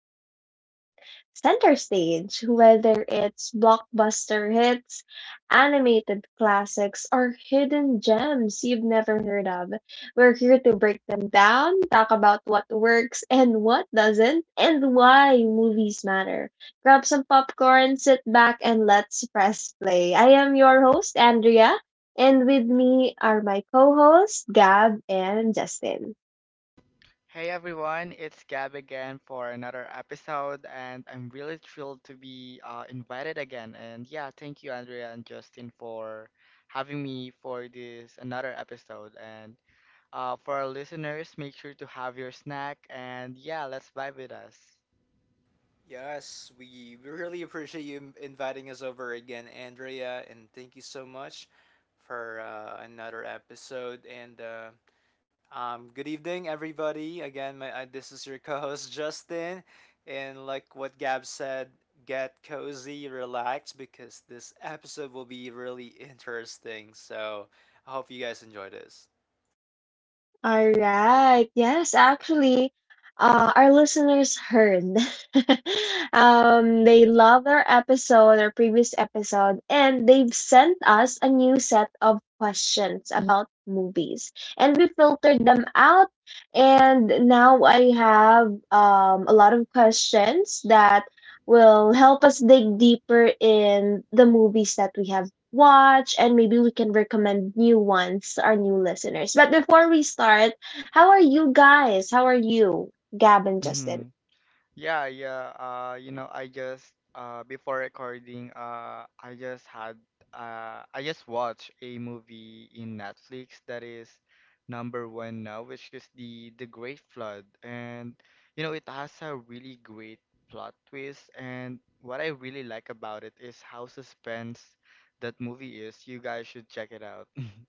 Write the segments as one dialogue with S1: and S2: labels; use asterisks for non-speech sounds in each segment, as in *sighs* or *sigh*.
S1: movies take center stage, whether it's blockbuster hits, animated classics, or hidden gems you've never heard of. We're here to break them down, talk about what works and what doesn't, and why movies matter. Grab some popcorn, sit back, and let's press play. I am your host, Andrea. And with me are my co hosts, Gab and Justin.
S2: Hey everyone, it's Gab again for another episode, and I'm really thrilled to be invited again. And yeah, thank you, Andrea and Justin, for having me for this another episode. And For our listeners, make sure to have your snack, and yeah, let's vibe with us.
S3: Yes, we really appreciate you inviting us over again, Andrea, and thank you so much for another episode. And good evening, everybody. Again, this is your co-host Justin, and like what Gab said, get cozy, relax, because this episode will be really interesting. So I hope you guys enjoy this.
S1: All right. Yes, actually, our listeners heard. *laughs* They love our episode, our previous episode, and they've sent us a new set of questions about movies. And we filtered them out. And now I have a lot of questions that will help us dig deeper in the movies that we have watch, and maybe we can recommend new ones to our new listeners. But before we start, how are you guys? How are you, Gab and Justin?
S2: Yeah, yeah. I just before recording, I just had I just watched a movie in Netflix that is number one now, which is the Great Flood, and you know, it has a really great plot twist, and what I really like about it is how suspense that movie is. You guys should check it out. *laughs*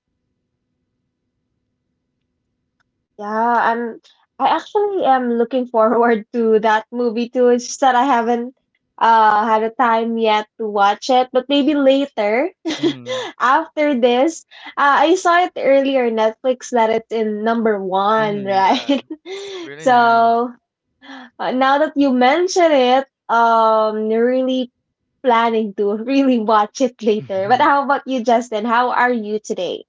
S1: Yeah, I'm. I actually am looking *laughs* forward to that movie too. It's just that I haven't had a time yet to watch it, but maybe later.
S2: Mm-hmm.
S1: *laughs* After this. I saw it earlier on Netflix that it's in number one,
S2: Mm-hmm. Yeah,
S1: right?
S2: it's
S1: *laughs*
S2: really nice. *laughs*
S1: So now that you mention it, really planning to *laughs* really watch it later.
S2: Mm-hmm.
S1: But how about you, Justin? How are you today?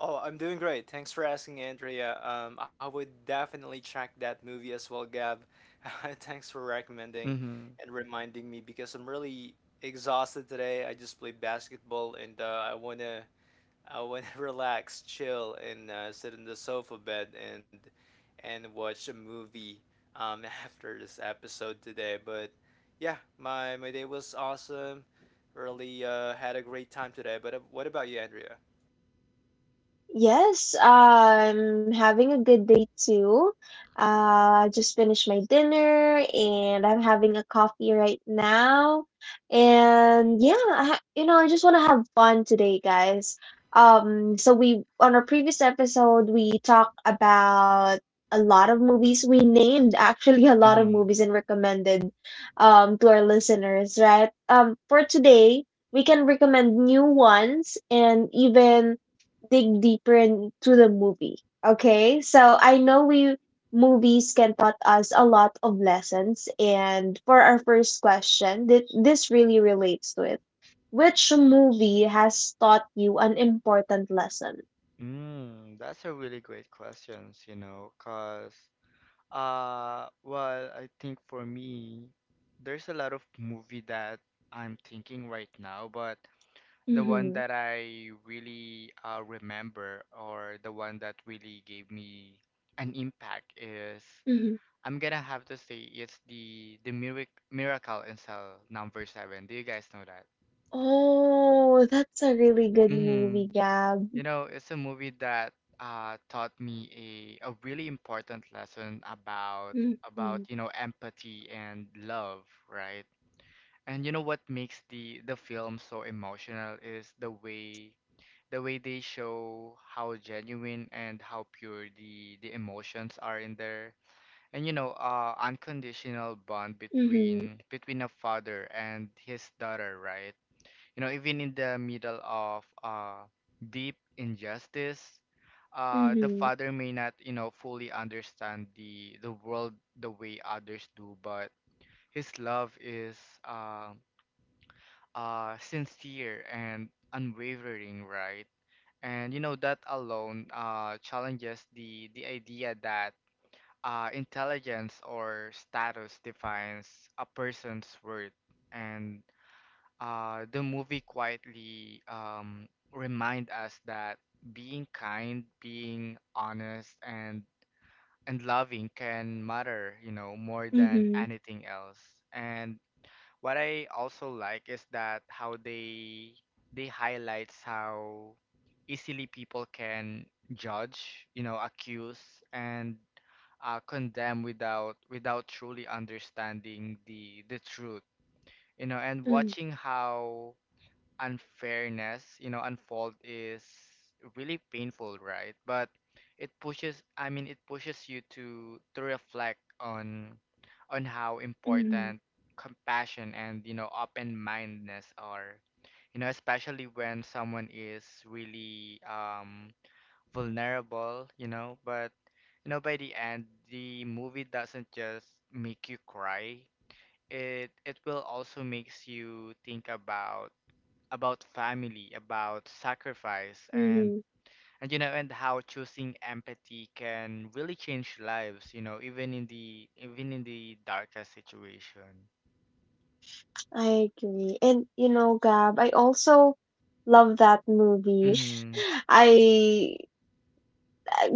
S3: Oh, I'm doing great. Thanks for asking, Andrea. I would definitely check that movie as well, Gab. *laughs* Thanks for recommending
S2: Mm-hmm.
S3: and reminding me because I'm really exhausted today. I just played basketball and I wanna *laughs* relax, chill, and sit in the sofa bed and watch a movie *laughs* after this episode today. But yeah, my day was awesome. Really had a great time today. But what about you, Andrea?
S1: Yes, I'm having a good day too. I just finished my dinner and I'm having a coffee right now. And yeah, I ha you know, I just want to have fun today, guys. So we on our previous episode we talked about a lot of movies. We named *laughs* actually a lot of
S2: Mm-hmm.
S1: movies and recommended to our listeners, right? For today, we can recommend new ones and even dig deeper into the movie. Okay, so I know we movies can taught us a lot of lessons, and for our first question, this really relates to it. Which movie has taught you an important lesson?
S2: Mm, that's a really great questions, you know, cause well, I think for me there's a lot of movie that I'm thinking right now, but the one
S1: Mm-hmm.
S2: that I really remember or the one that really gave me an impact is
S1: Mm-hmm.
S2: I'm gonna have to say it's the Miracle in Cell number 7. Do you guys know
S1: Oh, that's a really good
S2: that?
S1: movie, Gab.
S2: You know, it's a movie that taught me a really important lesson about
S1: Mm-hmm.
S2: you know empathy and love, right? And you know what makes the film so emotional is the way they show how genuine and how pure the emotions are in there. And you know, unconditional bond
S1: Mm-hmm.
S2: between between a father and his daughter, right? You know, even in the middle of deep injustice, the
S1: Mm-hmm.
S2: father may not, you know, fully understand the world the way others do, but his love is uh, sincere and unwavering, right? And you know that alone challenges the idea that intelligence or status defines a person's worth. And The movie quietly remind us that being kind, being honest, and loving can matter, you know, more than
S1: Mm-hmm.
S2: anything else. And what I also like is that how they highlights how easily people can judge, you know, accuse and condemn without without truly understanding the truth, you know, and watching how unfairness, you know, unfold is really painful, right? But it pushes you to reflect on how
S1: Mm-hmm.
S2: important compassion and, you know, open-mindedness are. You know, especially when someone is really vulnerable, you know, but you know, by the end, the movie doesn't just make you cry. It will also makes you think about family, about sacrifice,
S1: Mm-hmm.
S2: and you know, and how choosing empathy can really change lives. You know, even in the darkest situation.
S1: I agree. And you know, Gab, I also love that movie.
S2: Mm-hmm.
S1: *laughs* I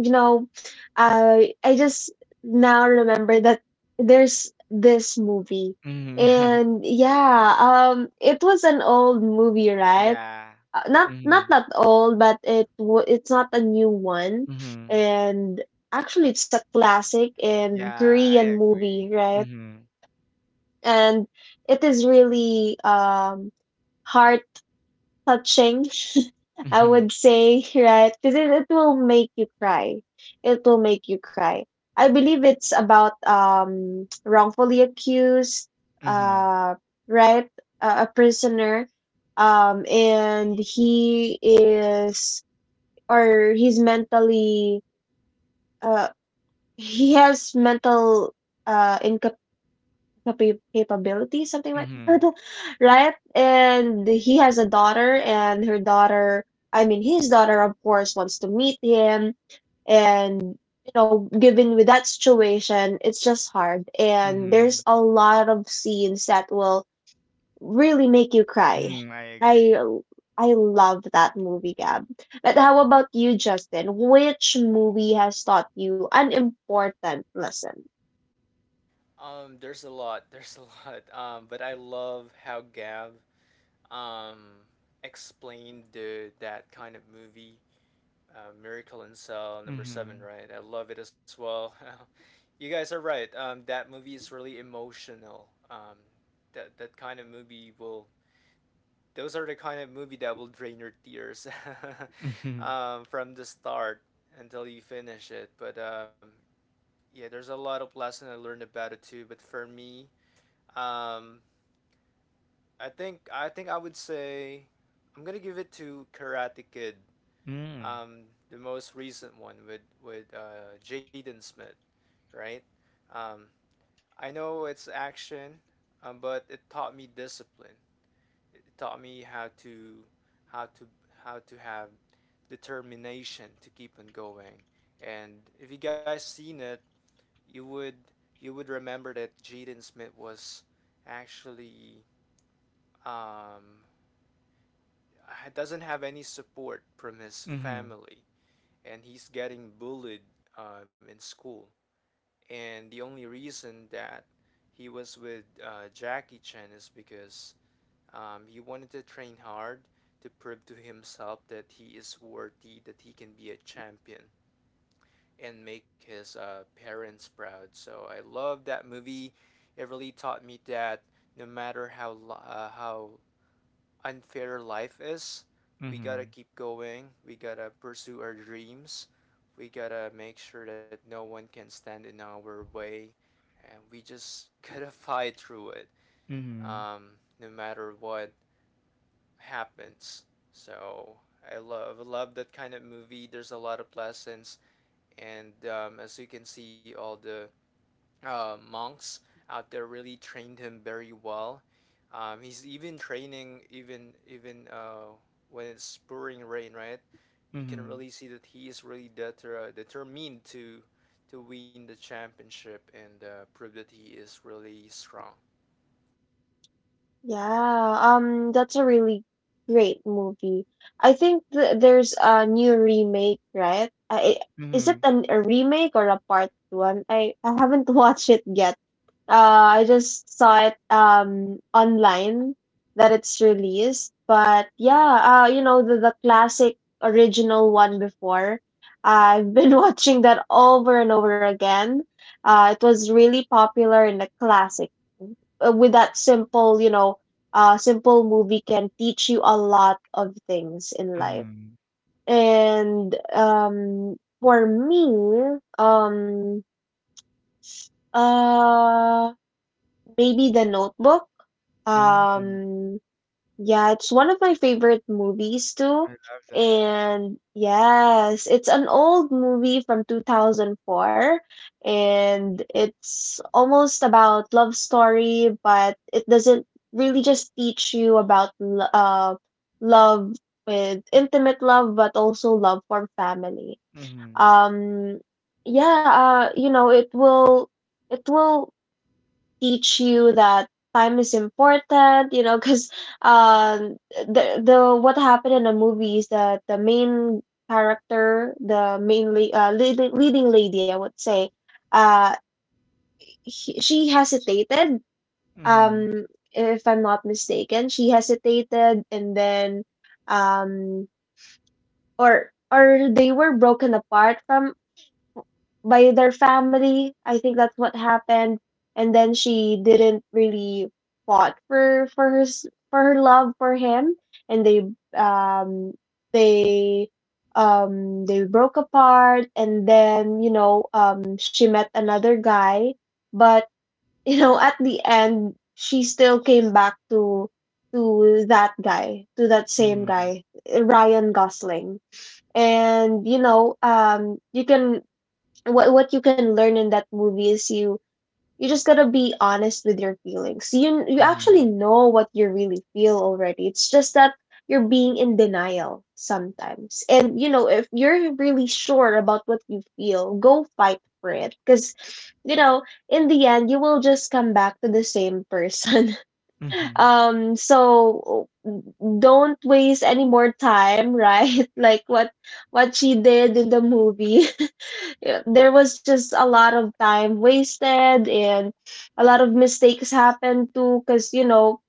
S1: you know, I just now remember that there's this movie.
S2: Mm-hmm. *laughs*
S1: And yeah, it was an old movie, right?
S2: Yeah.
S1: Not
S2: Mm-hmm.
S1: that old, but it's not a new one.
S2: Mm-hmm.
S1: And actually it's a classic and
S2: Yeah, I
S1: Korean
S2: agree.
S1: movie, right?
S2: Mm-hmm.
S1: And it is really heart touching, *laughs* I
S2: Mm-hmm.
S1: would say, right? Because it will make you cry. It will make you cry. I believe it's about *tsk* wrongfully accused,
S2: Mm-hmm.
S1: uh, right? A prisoner, and he is or he's mentally uh he has mental incapacity capability, something like *laughs*
S2: Mm-hmm.
S1: that, right? And he has a daughter, and her daughter, I mean, his daughter, of course, wants to meet him. And, you know, given with that situation, it's just hard. And
S2: Mm-hmm.
S1: there's a lot of scenes that will really make you cry.
S2: Mm-hmm. I
S1: I
S2: agree.
S1: I love that movie, Gab. But how about you, Justin? Which movie has taught you an important lesson?
S3: There's a lot. *laughs* There's a lot. But I love how Gav um explained the that kind of movie, Miracle in Cell number seven,
S2: Mm-hmm.
S3: right? I love it as well. *laughs* You guys are right. That movie is really emotional. That kind of movie will. Those are the kind of movie that will drain your tears,
S2: Mm-hmm.
S3: *laughs* from the start until you finish it. But yeah, there's a lot of lesson I learned about it too. But for me, um, I think I would say I'm gonna give it to Karate Kid. The most recent one with Jaden Smith, right? Um, I know it's action, but it taught me discipline. It taught me how to how to have determination to keep on going. And if you guys seen it, you would you would remember that Jaden Smith was actually um, doesn't have any support from his
S2: Mm-hmm.
S3: family and he's getting bullied in school. And the only reason that he was with Jackie Chan is because he wanted to train hard to prove to himself that he is worthy, that he can be a champion and make his parents proud. So I love that movie. It really taught me that no matter how unfair life is. We gotta
S2: Mm-hmm.
S3: keep going. We gotta pursue our dreams. We gotta make sure that no one can stand in our way. And we just *laughs* gotta fight through it,
S2: Mm-hmm. Mm-hmm.
S3: no matter what happens. So I love that kind of movie. There's a lot of lessons, and as you can see, all the monks out there really trained him very well. He's even training even when it's pouring rain, right? You can
S2: Mm-hmm.
S3: really see that he is really determined to win the championship and prove that he is really strong.
S1: Yeah, that's a really great movie. I think th there's a new remake, right? Is it
S2: Mm-hmm.
S1: a remake or a part one? I haven't *laughs* watched it yet. I just saw it online that it's released. But yeah, you know the classic original one before. I've been *laughs* watching that over and over again. It was really popular in the classic with that simple, you know, simple movie can teach you a lot of things in life.
S2: Mm-hmm.
S1: And for me, uh, maybe The Notebook.
S2: Mm-hmm.
S1: Um, yeah, it's one of my favorite movies too.
S2: I love that.
S1: And yes, it's an old movie from 2004 and it's almost about love story, but it doesn't really just teach you about love with intimate love but also love for family.
S2: Mhm.
S1: Um yeah, you know, it will teach you that time is important you know because um the what happened in the movie is that the main character the leading, leading lady I would say uh she hesitated,
S2: Mhm.
S1: um if I'm not mistaken she hesitated and then um or they were broken apart from by their family. I think that's what happened. And then she didn't really fought for for her love for him, and they um they they broke apart. And then you know she met another guy, but *laughs* you know at the end she still came back to that guy, to that same
S2: Mhm.
S1: guy, Ryan Gosling, and you know you can what you can learn in that movie is you you just gotta be honest with your feelings. You actually
S2: Mhm.
S1: know what you really feel already. It's just that you're being in denial sometimes. And you know, if you're really sure about what you feel, go fight for it. Because you know, in the end, you will just come back to the same person. *laughs*
S2: Mhm.
S1: So don't waste any more time, right? *laughs* Like what she did in the movie, yeah, there was just a lot of time wasted and a lot of mistakes happened too because you know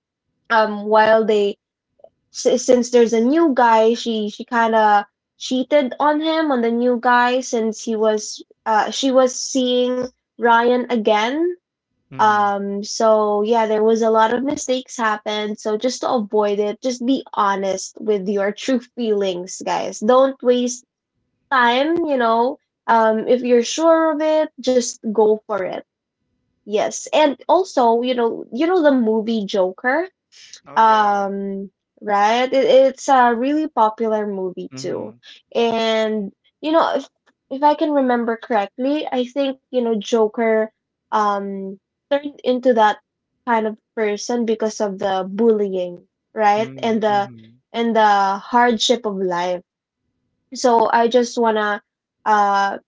S1: while they since there's a new guy she kind of cheated on him on the new guy since he was she was seeing Ryan again,
S2: Mhm.
S1: so yeah there was a lot of mistakes happened so just to avoid it just be honest with your true feelings guys don't waste time, you know, if you're sure of it, just go for it. Yes. And also, you know the movie Joker,
S2: Oh yeah.
S1: um, right? It, it's a really popular movie too.
S2: Mhm.
S1: And you know, if I can remember correctly, I think, you know, Joker um turned into that kind of person because of the bullying, right?
S2: Mhm. Mhm.
S1: And the hardship of life. So I just wanna uh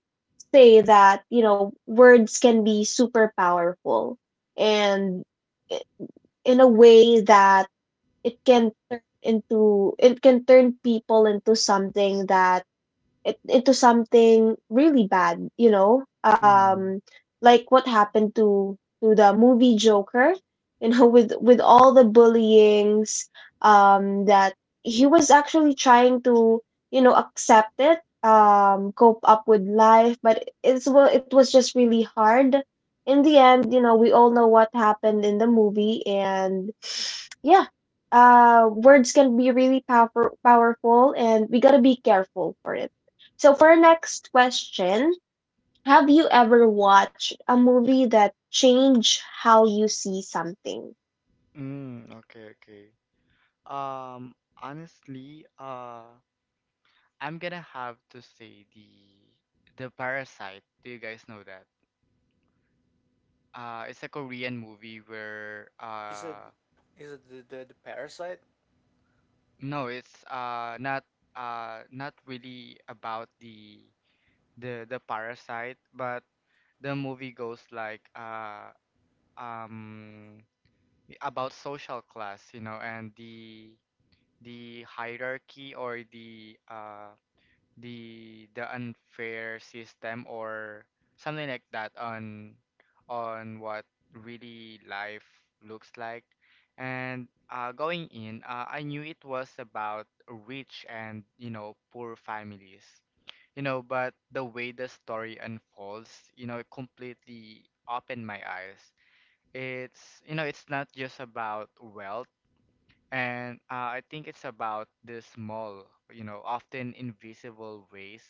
S1: say that you know words can be super powerful and i- in a way that it can turn people into something that into something really bad, you know,
S2: Mhm.
S1: like what happened to the movie Joker, *laughs* you know with all the bullyings that he was actually trying to you know accept it, cope up with life, but it's well it was just really hard in the end. You know we all know what happened in the movie, and *sighs* yeah words can be really powerful and we got to be careful for it. So, for our next question, have you ever watched a movie that changed how you see something?
S2: Mm. Okay. Okay. Um. Honestly, I'm gonna have to say the Parasite. Do you guys know that? It's a Korean movie where
S3: Is it is it the parasite?
S2: no, it's not not really about the parasite, but the movie goes like um about social class, you know, and the hierarchy or the unfair system or something like that on what really life looks like. And Going in, I knew it was about rich and you know poor families you know, but the way the story unfolds, you know, it completely opened my eyes. It's, you know, it's not just about wealth, and I think it's about the small, you know, often invisible ways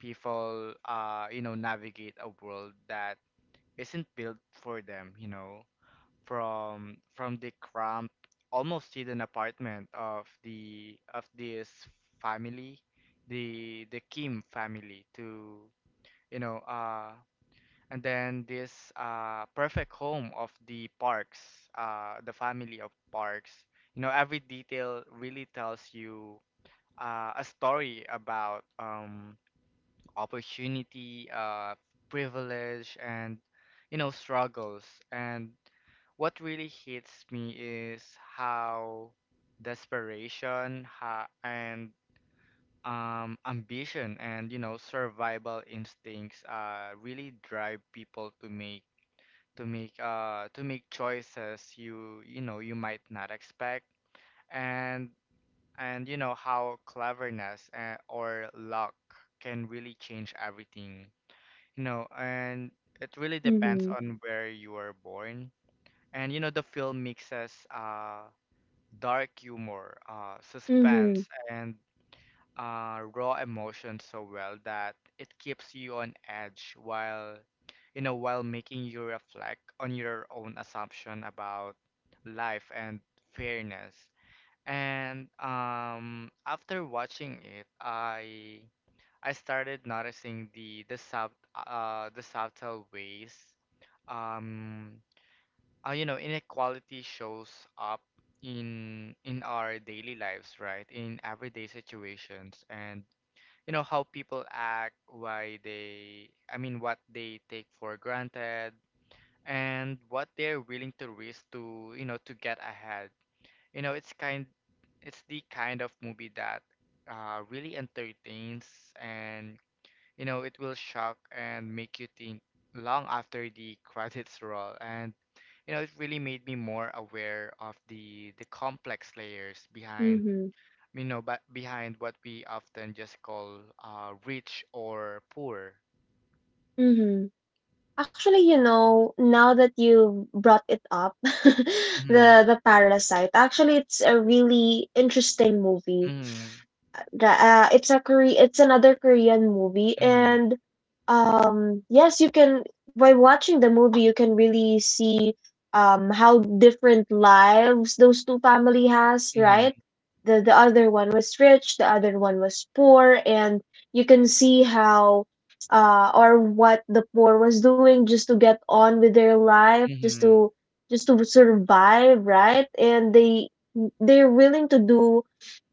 S2: people, you know, navigate a world that isn't built for them, you know, from the cramped, almost hidden apartment of the of this family the Kim family to you know uh and then this perfect home of the Parks, the family of Parks, you know every detail really tells you a story about opportunity, privilege and you know struggles, and what really hits me is how desperation ha and ambition and you know survival instincts really drive people to make choices you you know you might not expect, and and you know how cleverness or luck can really change everything you know, and it really depends
S1: Mm-hmm.
S2: on where you were born. And you know the film mixes dark humor,
S1: Mm-hmm.
S2: suspense and raw emotion so well that it keeps you on edge while you know while making you reflect on your own assumption about life and fairness. And After watching it, I started noticing the sub the subtle ways um you know inequality shows up in our daily lives, right, in everyday situations, and you know how people act, why they I mean what they take for granted and what they're willing to risk to you know to get ahead. You know it's the kind of movie that really entertains, and you know it will shock and make you think long after the *laughs* credits roll. And you know it really made me more aware of the complex layers behind
S1: Mm-hmm.
S2: you know, but behind what we often just call rich or poor.
S1: Mm-hmm. Actually, you know, now that you brought it up, *laughs*
S2: Mm-hmm.
S1: the parasite. Actually, it's a really interesting movie.
S2: Mm-hmm.
S1: It's a it's another Korean movie
S2: Mm-hmm.
S1: and yes you can, by watching the movie you can really see how different lives those two family has, right? The other one was rich, the other one was poor, and you can see how or what the poor was doing just to get on with their life,
S2: Mm-hmm.
S1: just to survive, right? And they they're willing to do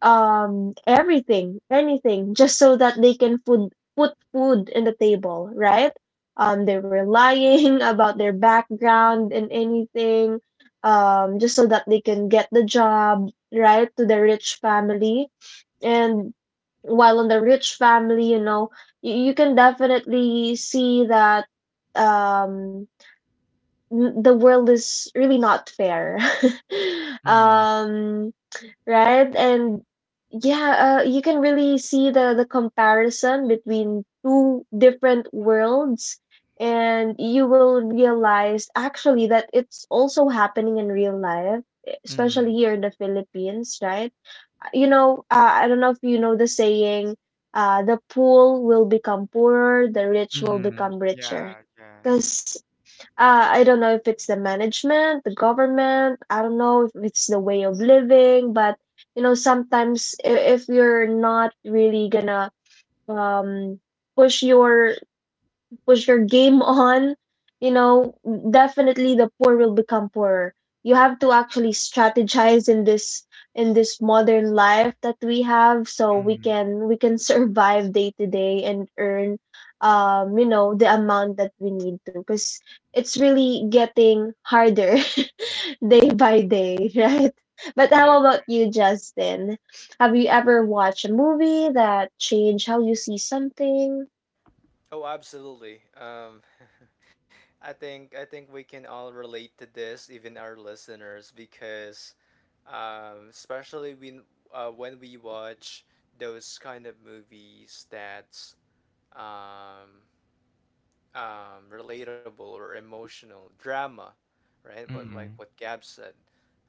S1: everything anything just so that they can food put food in the table, right? They were lying *laughs* about their background and anything, just so that they can get the job right to the rich family. And while on the rich family you know you, you can definitely see that um the world is really not fair, *laughs*
S2: Mm-hmm. Uh-huh. Mm.
S1: um right? And yeah, you can really see the comparison between two different worlds, and you will realize actually that it's also happening in real life,
S2: Mm-hmm.
S1: especially
S2: Mm-hmm.
S1: here in the Philippines, right? You know, I don't know if you know the saying, the poor will become poorer, the rich will
S2: Mm-hmm.
S1: become richer.
S2: Yeah, yeah.
S1: Because I don't know if it's the management, the government. I don't know if it's the way of living, but you know, sometimes if you're not really gonna um push your push your game on, you know, definitely the poor will become poorer. You have to actually strategize in this modern life that we have so
S2: Mm-hmm.
S1: we can *laughs* survive day to day and earn you know the amount that we need to, because it's really getting harder *laughs* day by day. *laughs* Right? But
S2: I
S1: how about you, Justin? Have you ever watched a movie that changed how you see something?
S3: Oh, absolutely. *laughs* I think we can all relate to this, even our listeners, because especially when we watch those kind of movies that's um, relatable or emotional drama, right? But like
S2: mm-hmm.
S3: what Gab said,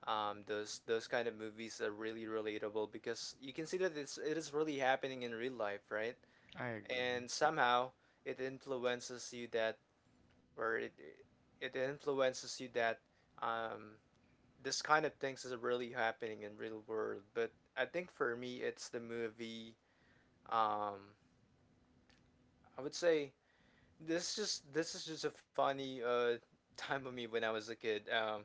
S3: those kind of movies are really relatable because you can see that it is really happening in real life, right?
S2: I agree.
S3: And somehow it influences you that where it influences you that um, this kind of things is really happening in real world. But I think for me, it's the movie. Um, I would say this is just a funny time of me when I was a kid. Um,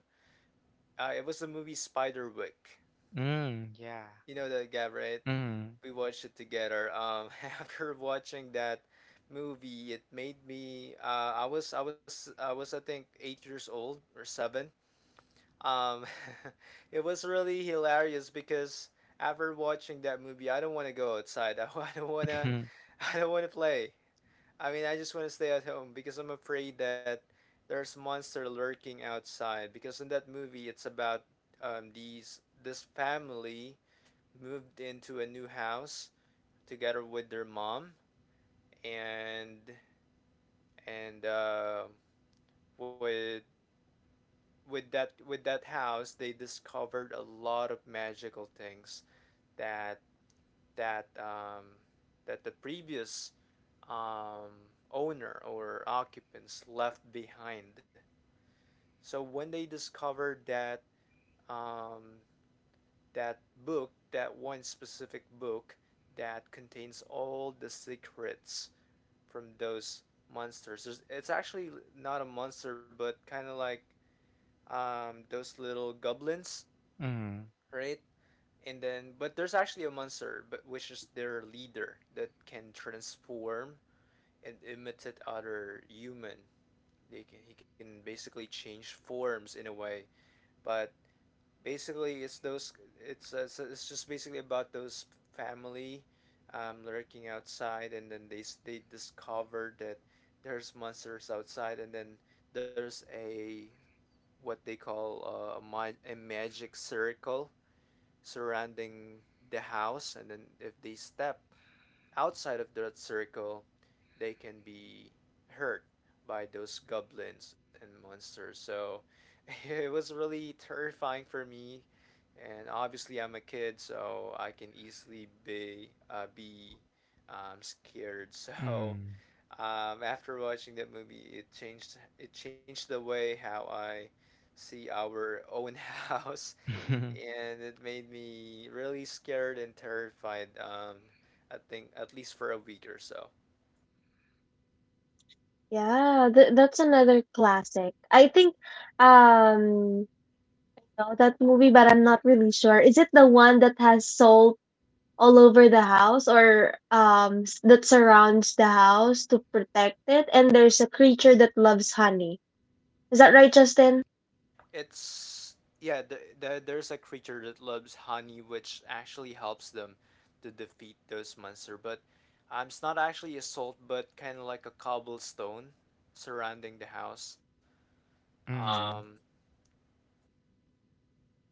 S3: uh, It was the movie Spiderwick.
S2: Mm. Yeah.
S3: You know that guy, right?
S2: Mm.
S3: We watched it together. *laughs* After watching that movie, it made me. I was I think 8 years old or 7. Um, *laughs* it was really hilarious because after watching that movie, I don't want to go outside. *laughs* I don't want to.
S2: Mm.
S3: *laughs* I don't want to play. I mean, I just want to stay at home because I'm afraid that there's monster lurking outside. Because in that movie, it's about these this family moved into a new house together with their mom and and uh, with with that with that house they discovered a lot of magical things that that um, that the previous owner or occupants left behind. So when they discovered that um, that book, that one specific book that contains all the secrets from those monsters. It's actually not a monster, but kind of like those little goblins,
S2: Mm.
S3: right? And then but there's actually a monster but which is their leader that can transform and imitate other human. They can he can basically change forms in a way, but basically it's just basically about those family lurking outside, and then they discover that there's monsters outside, and then there's a what they call a magic circle surrounding the house, and then if they step outside of that circle they can be hurt by those goblins and monsters. So *laughs* it was really terrifying for me, and obviously I'm a kid, so I can easily be scared. *laughs* So
S2: Mm.
S3: after watching that movie, it changed the way how I see our own *laughs* house, and it made me really scared and terrified. I think at least for a week or so.
S1: Yeah, that's another classic. I think, um, you know that movie, but I'm not really sure. Is it the one that has salt all over the house or that surrounds the house to protect it? And there's a creature that loves honey.
S3: Is that
S1: Is that
S3: right, John?
S1: right, Justin?
S3: It's Yeah. There's a creature that loves honey, which actually helps them to defeat those monster. But it's not actually a salt, but kind of like a cobblestone surrounding the house. Um,
S2: Mm.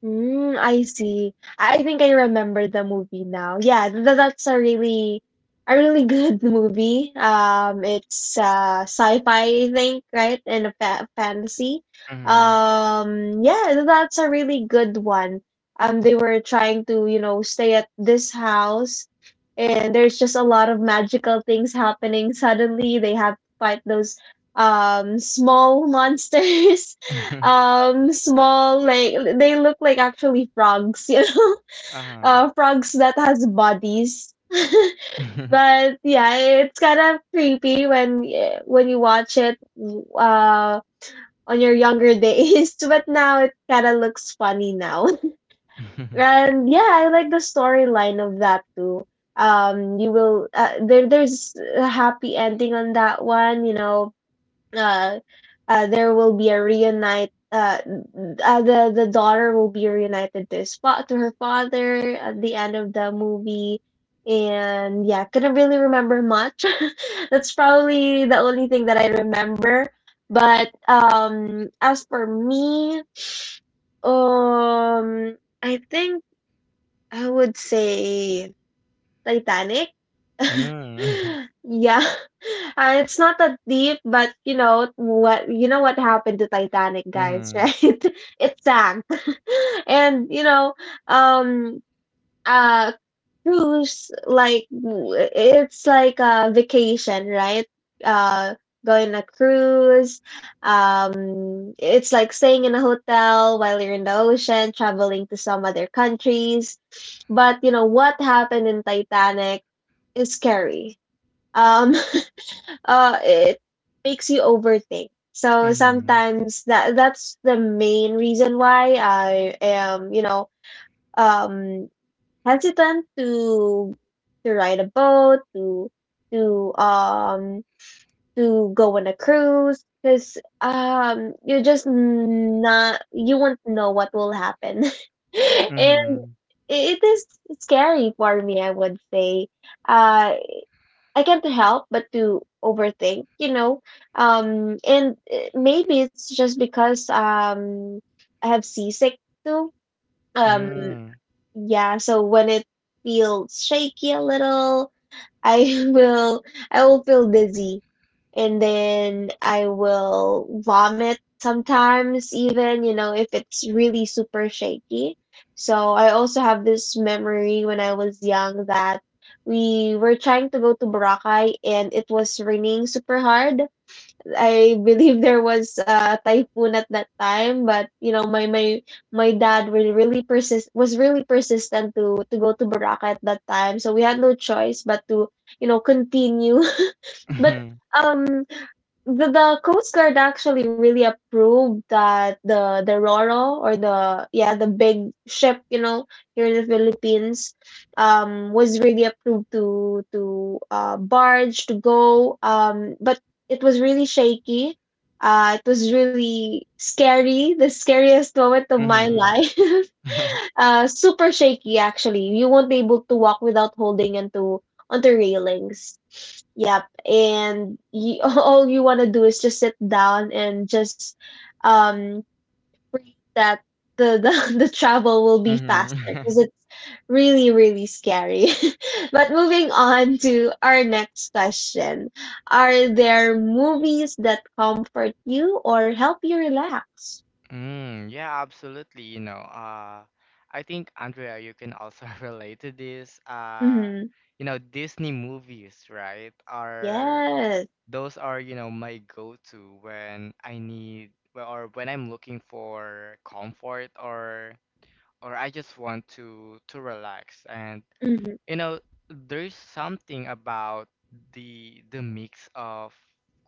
S1: I see. I think I remember the movie now. Yeah, that's a really good *laughs* movie. It's sci-fi, I think, right? And a fa fantasy.
S2: Mm.
S1: Yeah, that's a really good one. They were trying to, you know, stay at this house, and there's just a lot of magical things happening. *laughs* Suddenly, they have to fight those small monsters *laughs*
S2: Mm. *laughs*
S1: small like they look like actually frogs, *laughs*
S2: Uh-huh.
S1: frogs that has bodies, *laughs*
S2: *laughs*
S1: but yeah, it's kind of creepy when when you watch it uh on your younger days. *laughs* But now it kind of looks funny now. *laughs* And yeah, I like the storyline of that too. You will there's a happy ending on that one, uh, there will be a reunite. The daughter will be reunited to his to her father at the end of the movie, and yeah, couldn't really remember much. *laughs* That's probably the only thing that I remember. But as for me, I think I would say Titanic?
S2: Mm.
S1: *laughs* Yeah. It's not that deep, but you know what happened to Titanic, guys, *laughs*
S2: Mm.
S1: right? It sank. *laughs* And um uh cruise, like it's like a vacation, right? Uh Going on a cruise. Um, it's like staying in a hotel while you're in the ocean, traveling to some other countries. But you know what happened in Titanic is scary. Um, *laughs* it makes you overthink. So
S2: Mm.
S1: sometimes that's the main reason why I am, you know, um, hesitant to ride a boat, to um to go on a cruise, because you're just not you won't know what will happen, *laughs* and
S2: Mm.
S1: it is scary for me. I would say, uh, I can't help but to overthink, you know. And maybe it's just because I have seasick too. Um,
S2: Mm.
S1: yeah. So when it feels shaky a little, I *laughs* will I will feel dizzy, and then I will vomit sometimes, even, you know, if it's really super shaky. So I also have this memory when I was young that we were trying to go to Boracay and it was raining super hard. I believe there was a typhoon at that time, but you know, my dad was really persist was really persistent to go to Boracay at that time, so we had no choice but to, you know, continue. *laughs* But
S2: Mm. *laughs*
S1: um, the Coast Guard actually really approved that the Roro, or the yeah the big ship, you know, here in the Philippines was really approved to barge to go, but it was really shaky. It was really scary, the scariest moment of my
S2: Mhm.
S1: life. *laughs* Super shaky actually. You won't be able to walk without holding onto on the railings. Yep. And you, *laughs* all you want to do is just sit down and just um that *laughs* the travel will be
S2: Mhm.
S1: faster, because
S2: *laughs* *laughs*
S1: it's really really scary. *laughs* But moving on to our next question. Are there movies that comfort you or help you relax?
S2: Mm, yeah, absolutely. You know, I think Andrea, you can also *laughs* relate to this.
S1: Mhm.
S2: You know, Disney movies, right? Are
S1: Yes.
S2: those are, you know, my go-to when I need well, or when I'm looking for comfort or I just want to relax. And
S1: Mhm.
S2: you know, there's something about the mix of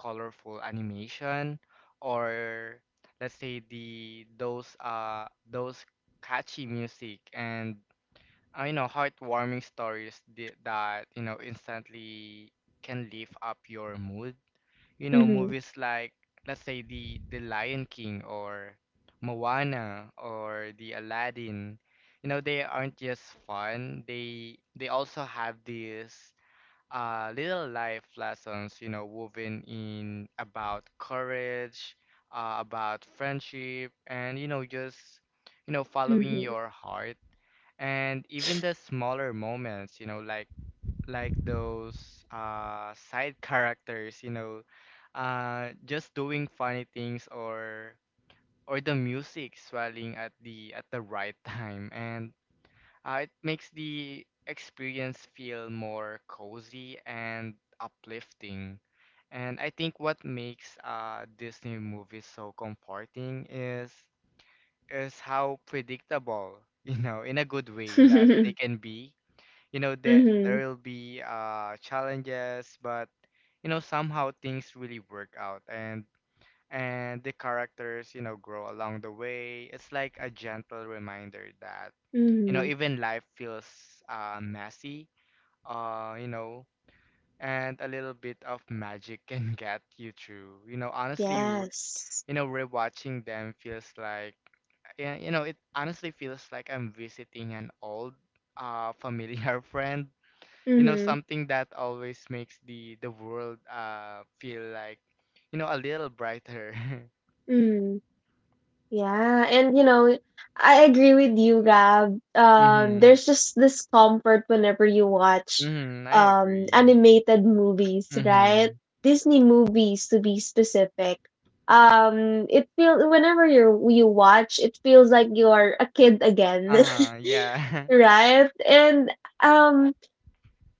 S2: colorful animation or let's say the those catchy music and you know heartwarming stories that you know instantly can lift up your mood. You know,
S1: Mhm.
S2: movies like let's say the Lion King or Moana or the Aladdin. You know, they aren't just fun. They also have these little life lessons, you know, woven in about courage, about friendship and you know just you know following
S1: Mhm.
S2: your heart. And even the smaller moments, you know, like those side characters, you know, just doing funny things or the music swelling at the right *laughs* time. And it makes the experience feel more cozy and uplifting. And I think what makes Disney movies so comforting is how predictable, *laughs* you know, in a good way that they can be. You know
S1: Mhm.
S2: that there
S1: Mhm.
S2: will be challenges, but you know somehow things really work out, and the characters you know grow along the way. It's like a gentle reminder that you know
S1: *laughs*
S2: even life feels messy, you know, and a little bit of magic *laughs* can get you through, you know.
S1: Yes.
S2: You know, rewatching them feels like yeah, you know it honestly feels like I'm visiting an old familiar *laughs* friend, you know,
S1: Mm-hmm.
S2: something that always makes the world feel like you know a little brighter. *laughs*
S1: Mm, yeah, and you know, I agree with you, Gab.
S2: Mhm.
S1: There's just this comfort whenever you watch
S2: Mhm. I agree.
S1: animated movies, right?
S2: Mhm.
S1: Disney movies to be specific. It feels whenever you watch, it feels like you are a kid again,
S2: Uh yeah.
S1: *laughs* right? And um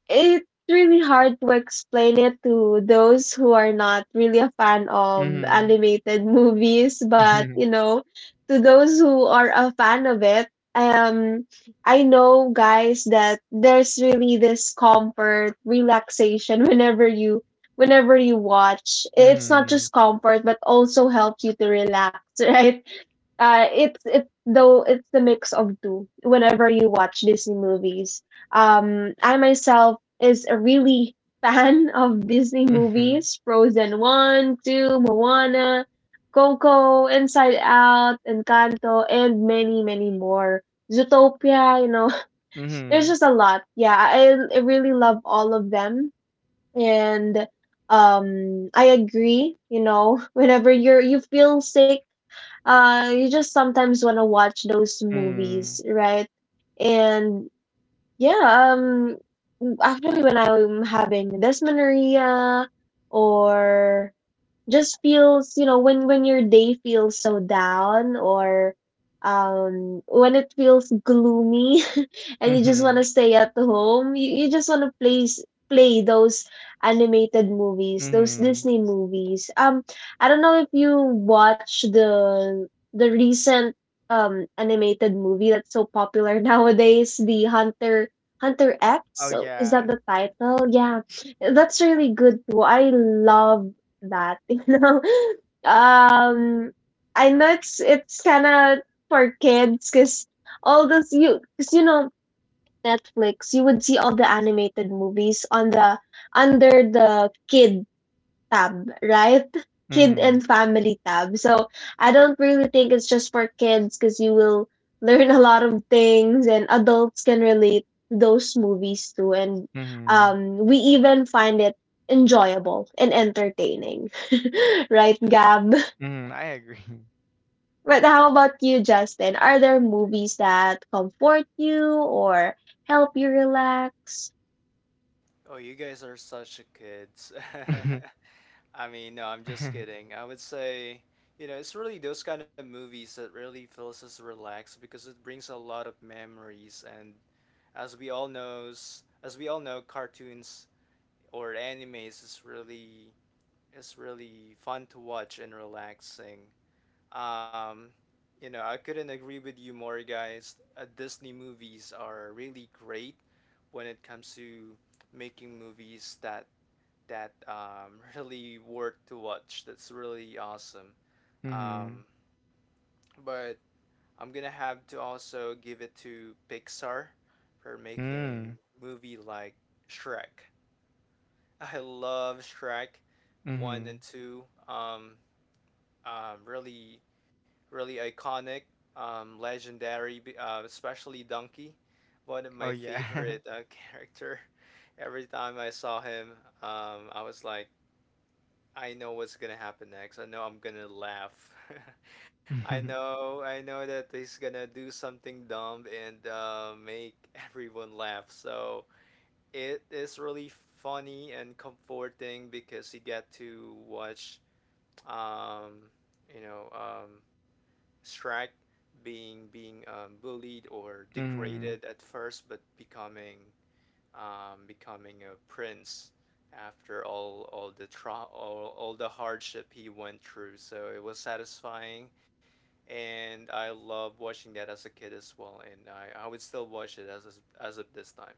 S1: it's really hard to explain it to those who are not really a fan
S2: *laughs*
S1: of
S2: Mhm.
S1: animated *laughs* movies, but you
S2: *laughs*
S1: know, to those who are a fan of it, um, I know, guys, that there's really this comfort, relaxation, *laughs* whenever you watch. It's not
S2: Mhm.
S1: just comfort, but also helps you to relax, *laughs* right? It's though it's the mix of two. Whenever you watch Disney movies, I myself is a really *laughs* fan of Disney
S2: Mhm.
S1: movies: Frozen one, two, Moana, Coco, Inside Out, Encanto, and many many more. Zootopia, you know, *laughs* there's
S2: Mhm.
S1: just a lot. Yeah, I really love all of them, and I agree. You know, *laughs* whenever you feel sick, you just sometimes want to watch those movies,
S2: Mhm.
S1: right? And yeah, actually when I'm having dysmenorrhea, or just feels, you know, when your day feels so down, or when it feels gloomy, *laughs*
S2: Mhm.
S1: and you just want
S2: Mhm.
S1: to stay at home, you just want to play those animated movies, those
S2: Mhm.
S1: Disney movies. I don't know if you watch the recent animated movie that's so popular *laughs* nowadays, the Hunter X,
S2: *laughs* Oh
S1: so, is that
S2: yeah.
S1: the title, yeah? That's really good too. I love that, *laughs* you know. Um, I know it's kind of for kids, because all those you because you know, Netflix, you would see all the animated movies on the under the kid tab, right? Kid
S2: Mhm.
S1: and family tab. So I don't really think it's just for kids, because you will learn *laughs* a lot of things, and adults can relate to those movies too. And
S2: Mhm.
S1: we even find it enjoyable and entertaining, *laughs* right, Gab?
S2: Mhm. I agree.
S1: But how about you, Justin? Are there movies that comfort you or help you relax?
S3: oh, you guys are such a kids.
S2: *laughs*
S3: *laughs* I mean, no, I'm just kidding. I would say, it's really those kind of movies that really feels us relaxed because it brings a lot of memories, and as we all know, cartoons or animes is really fun to watch and relaxing. Um, I couldn't agree with you more, guys. Disney movies are really great when it comes to making movies that *laughs* really worth to watch. That's really awesome.
S2: Mhm.
S3: Um, but I'm gonna have to also give it to Pixar for making
S2: Mhm.
S3: movie like Shrek. *laughs* I love Shrek one
S2: Mhm.
S3: and two. Really, really iconic, legendary, especially Donkey, one of
S2: Oh
S3: my
S2: yeah.
S3: favorite *laughs* character. Every time I saw him, I was like, I know what's gonna happen next. I know I'm gonna laugh. *laughs* I
S2: *laughs*
S3: know I know that he's gonna do something dumb and make *laughs* everyone laugh. So it is really funny and comforting because you get to watch um you know um Shrek being bullied or
S2: Mhm.
S3: degraded at first, but becoming a prince after all the hardship he went through. So it was satisfying, and I loved watching that as a kid as well, and I would still watch it as of this time.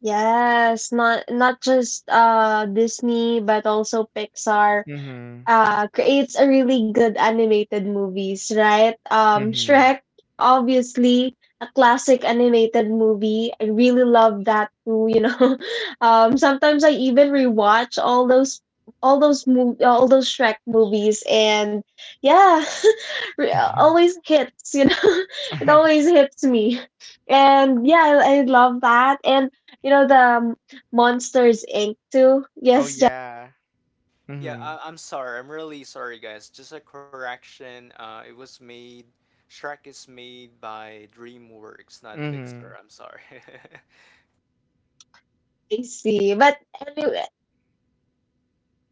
S1: Yes, not not just Disney, but also Pixar
S2: Mhm.
S1: creates a really good animated movies, right?
S2: Mhm.
S1: Shrek, obviously, a classic animated movie. I really love that too, you know. *laughs* Sometimes I even rewatch all those all those Shrek movies, and yeah, *laughs* always
S2: *laughs*
S1: hits, you know. *laughs* It always hits me. And yeah, I love that. And you know the Monsters Inc too.
S2: Oh
S1: Yes,
S2: yeah.
S3: Yeah,
S2: Mhm.
S3: I'm sorry. I'm really sorry, guys. Just a correction. It was made. Shrek is made by DreamWorks, not
S2: Mhm.
S3: Pixar. I'm sorry. *laughs*
S1: I see. But anyway,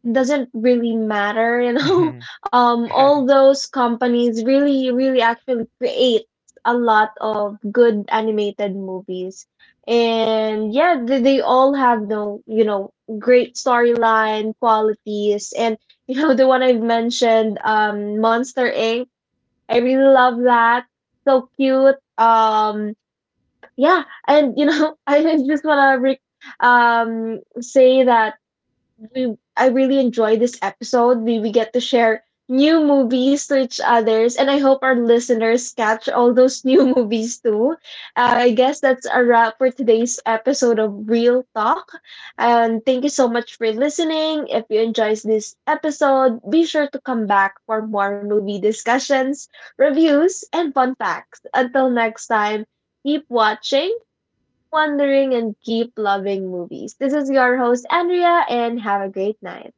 S1: doesn't really matter, you know. *laughs*
S2: Mhm. *laughs*
S1: All those companies really, really actually create a lot of good animated movies, and yeah, they all have the, you know, great storyline qualities, and *laughs* you know the one I've mentioned, Monster Inc. I really love that. So cute. Yeah, and you know, *laughs* I just wanna say that we I really enjoy this episode. We get to share new movies to each others, and I hope our listeners catch all those new *laughs* movies too. I guess that's a wrap for today's episode of Real Talk. And thank you so much for listening. If you enjoyed this episode, be sure to come back for more movie discussions, reviews, and fun facts. Until next time, keep watching, wondering, and keep loving movies. This is your host, Andrea, and have a great night.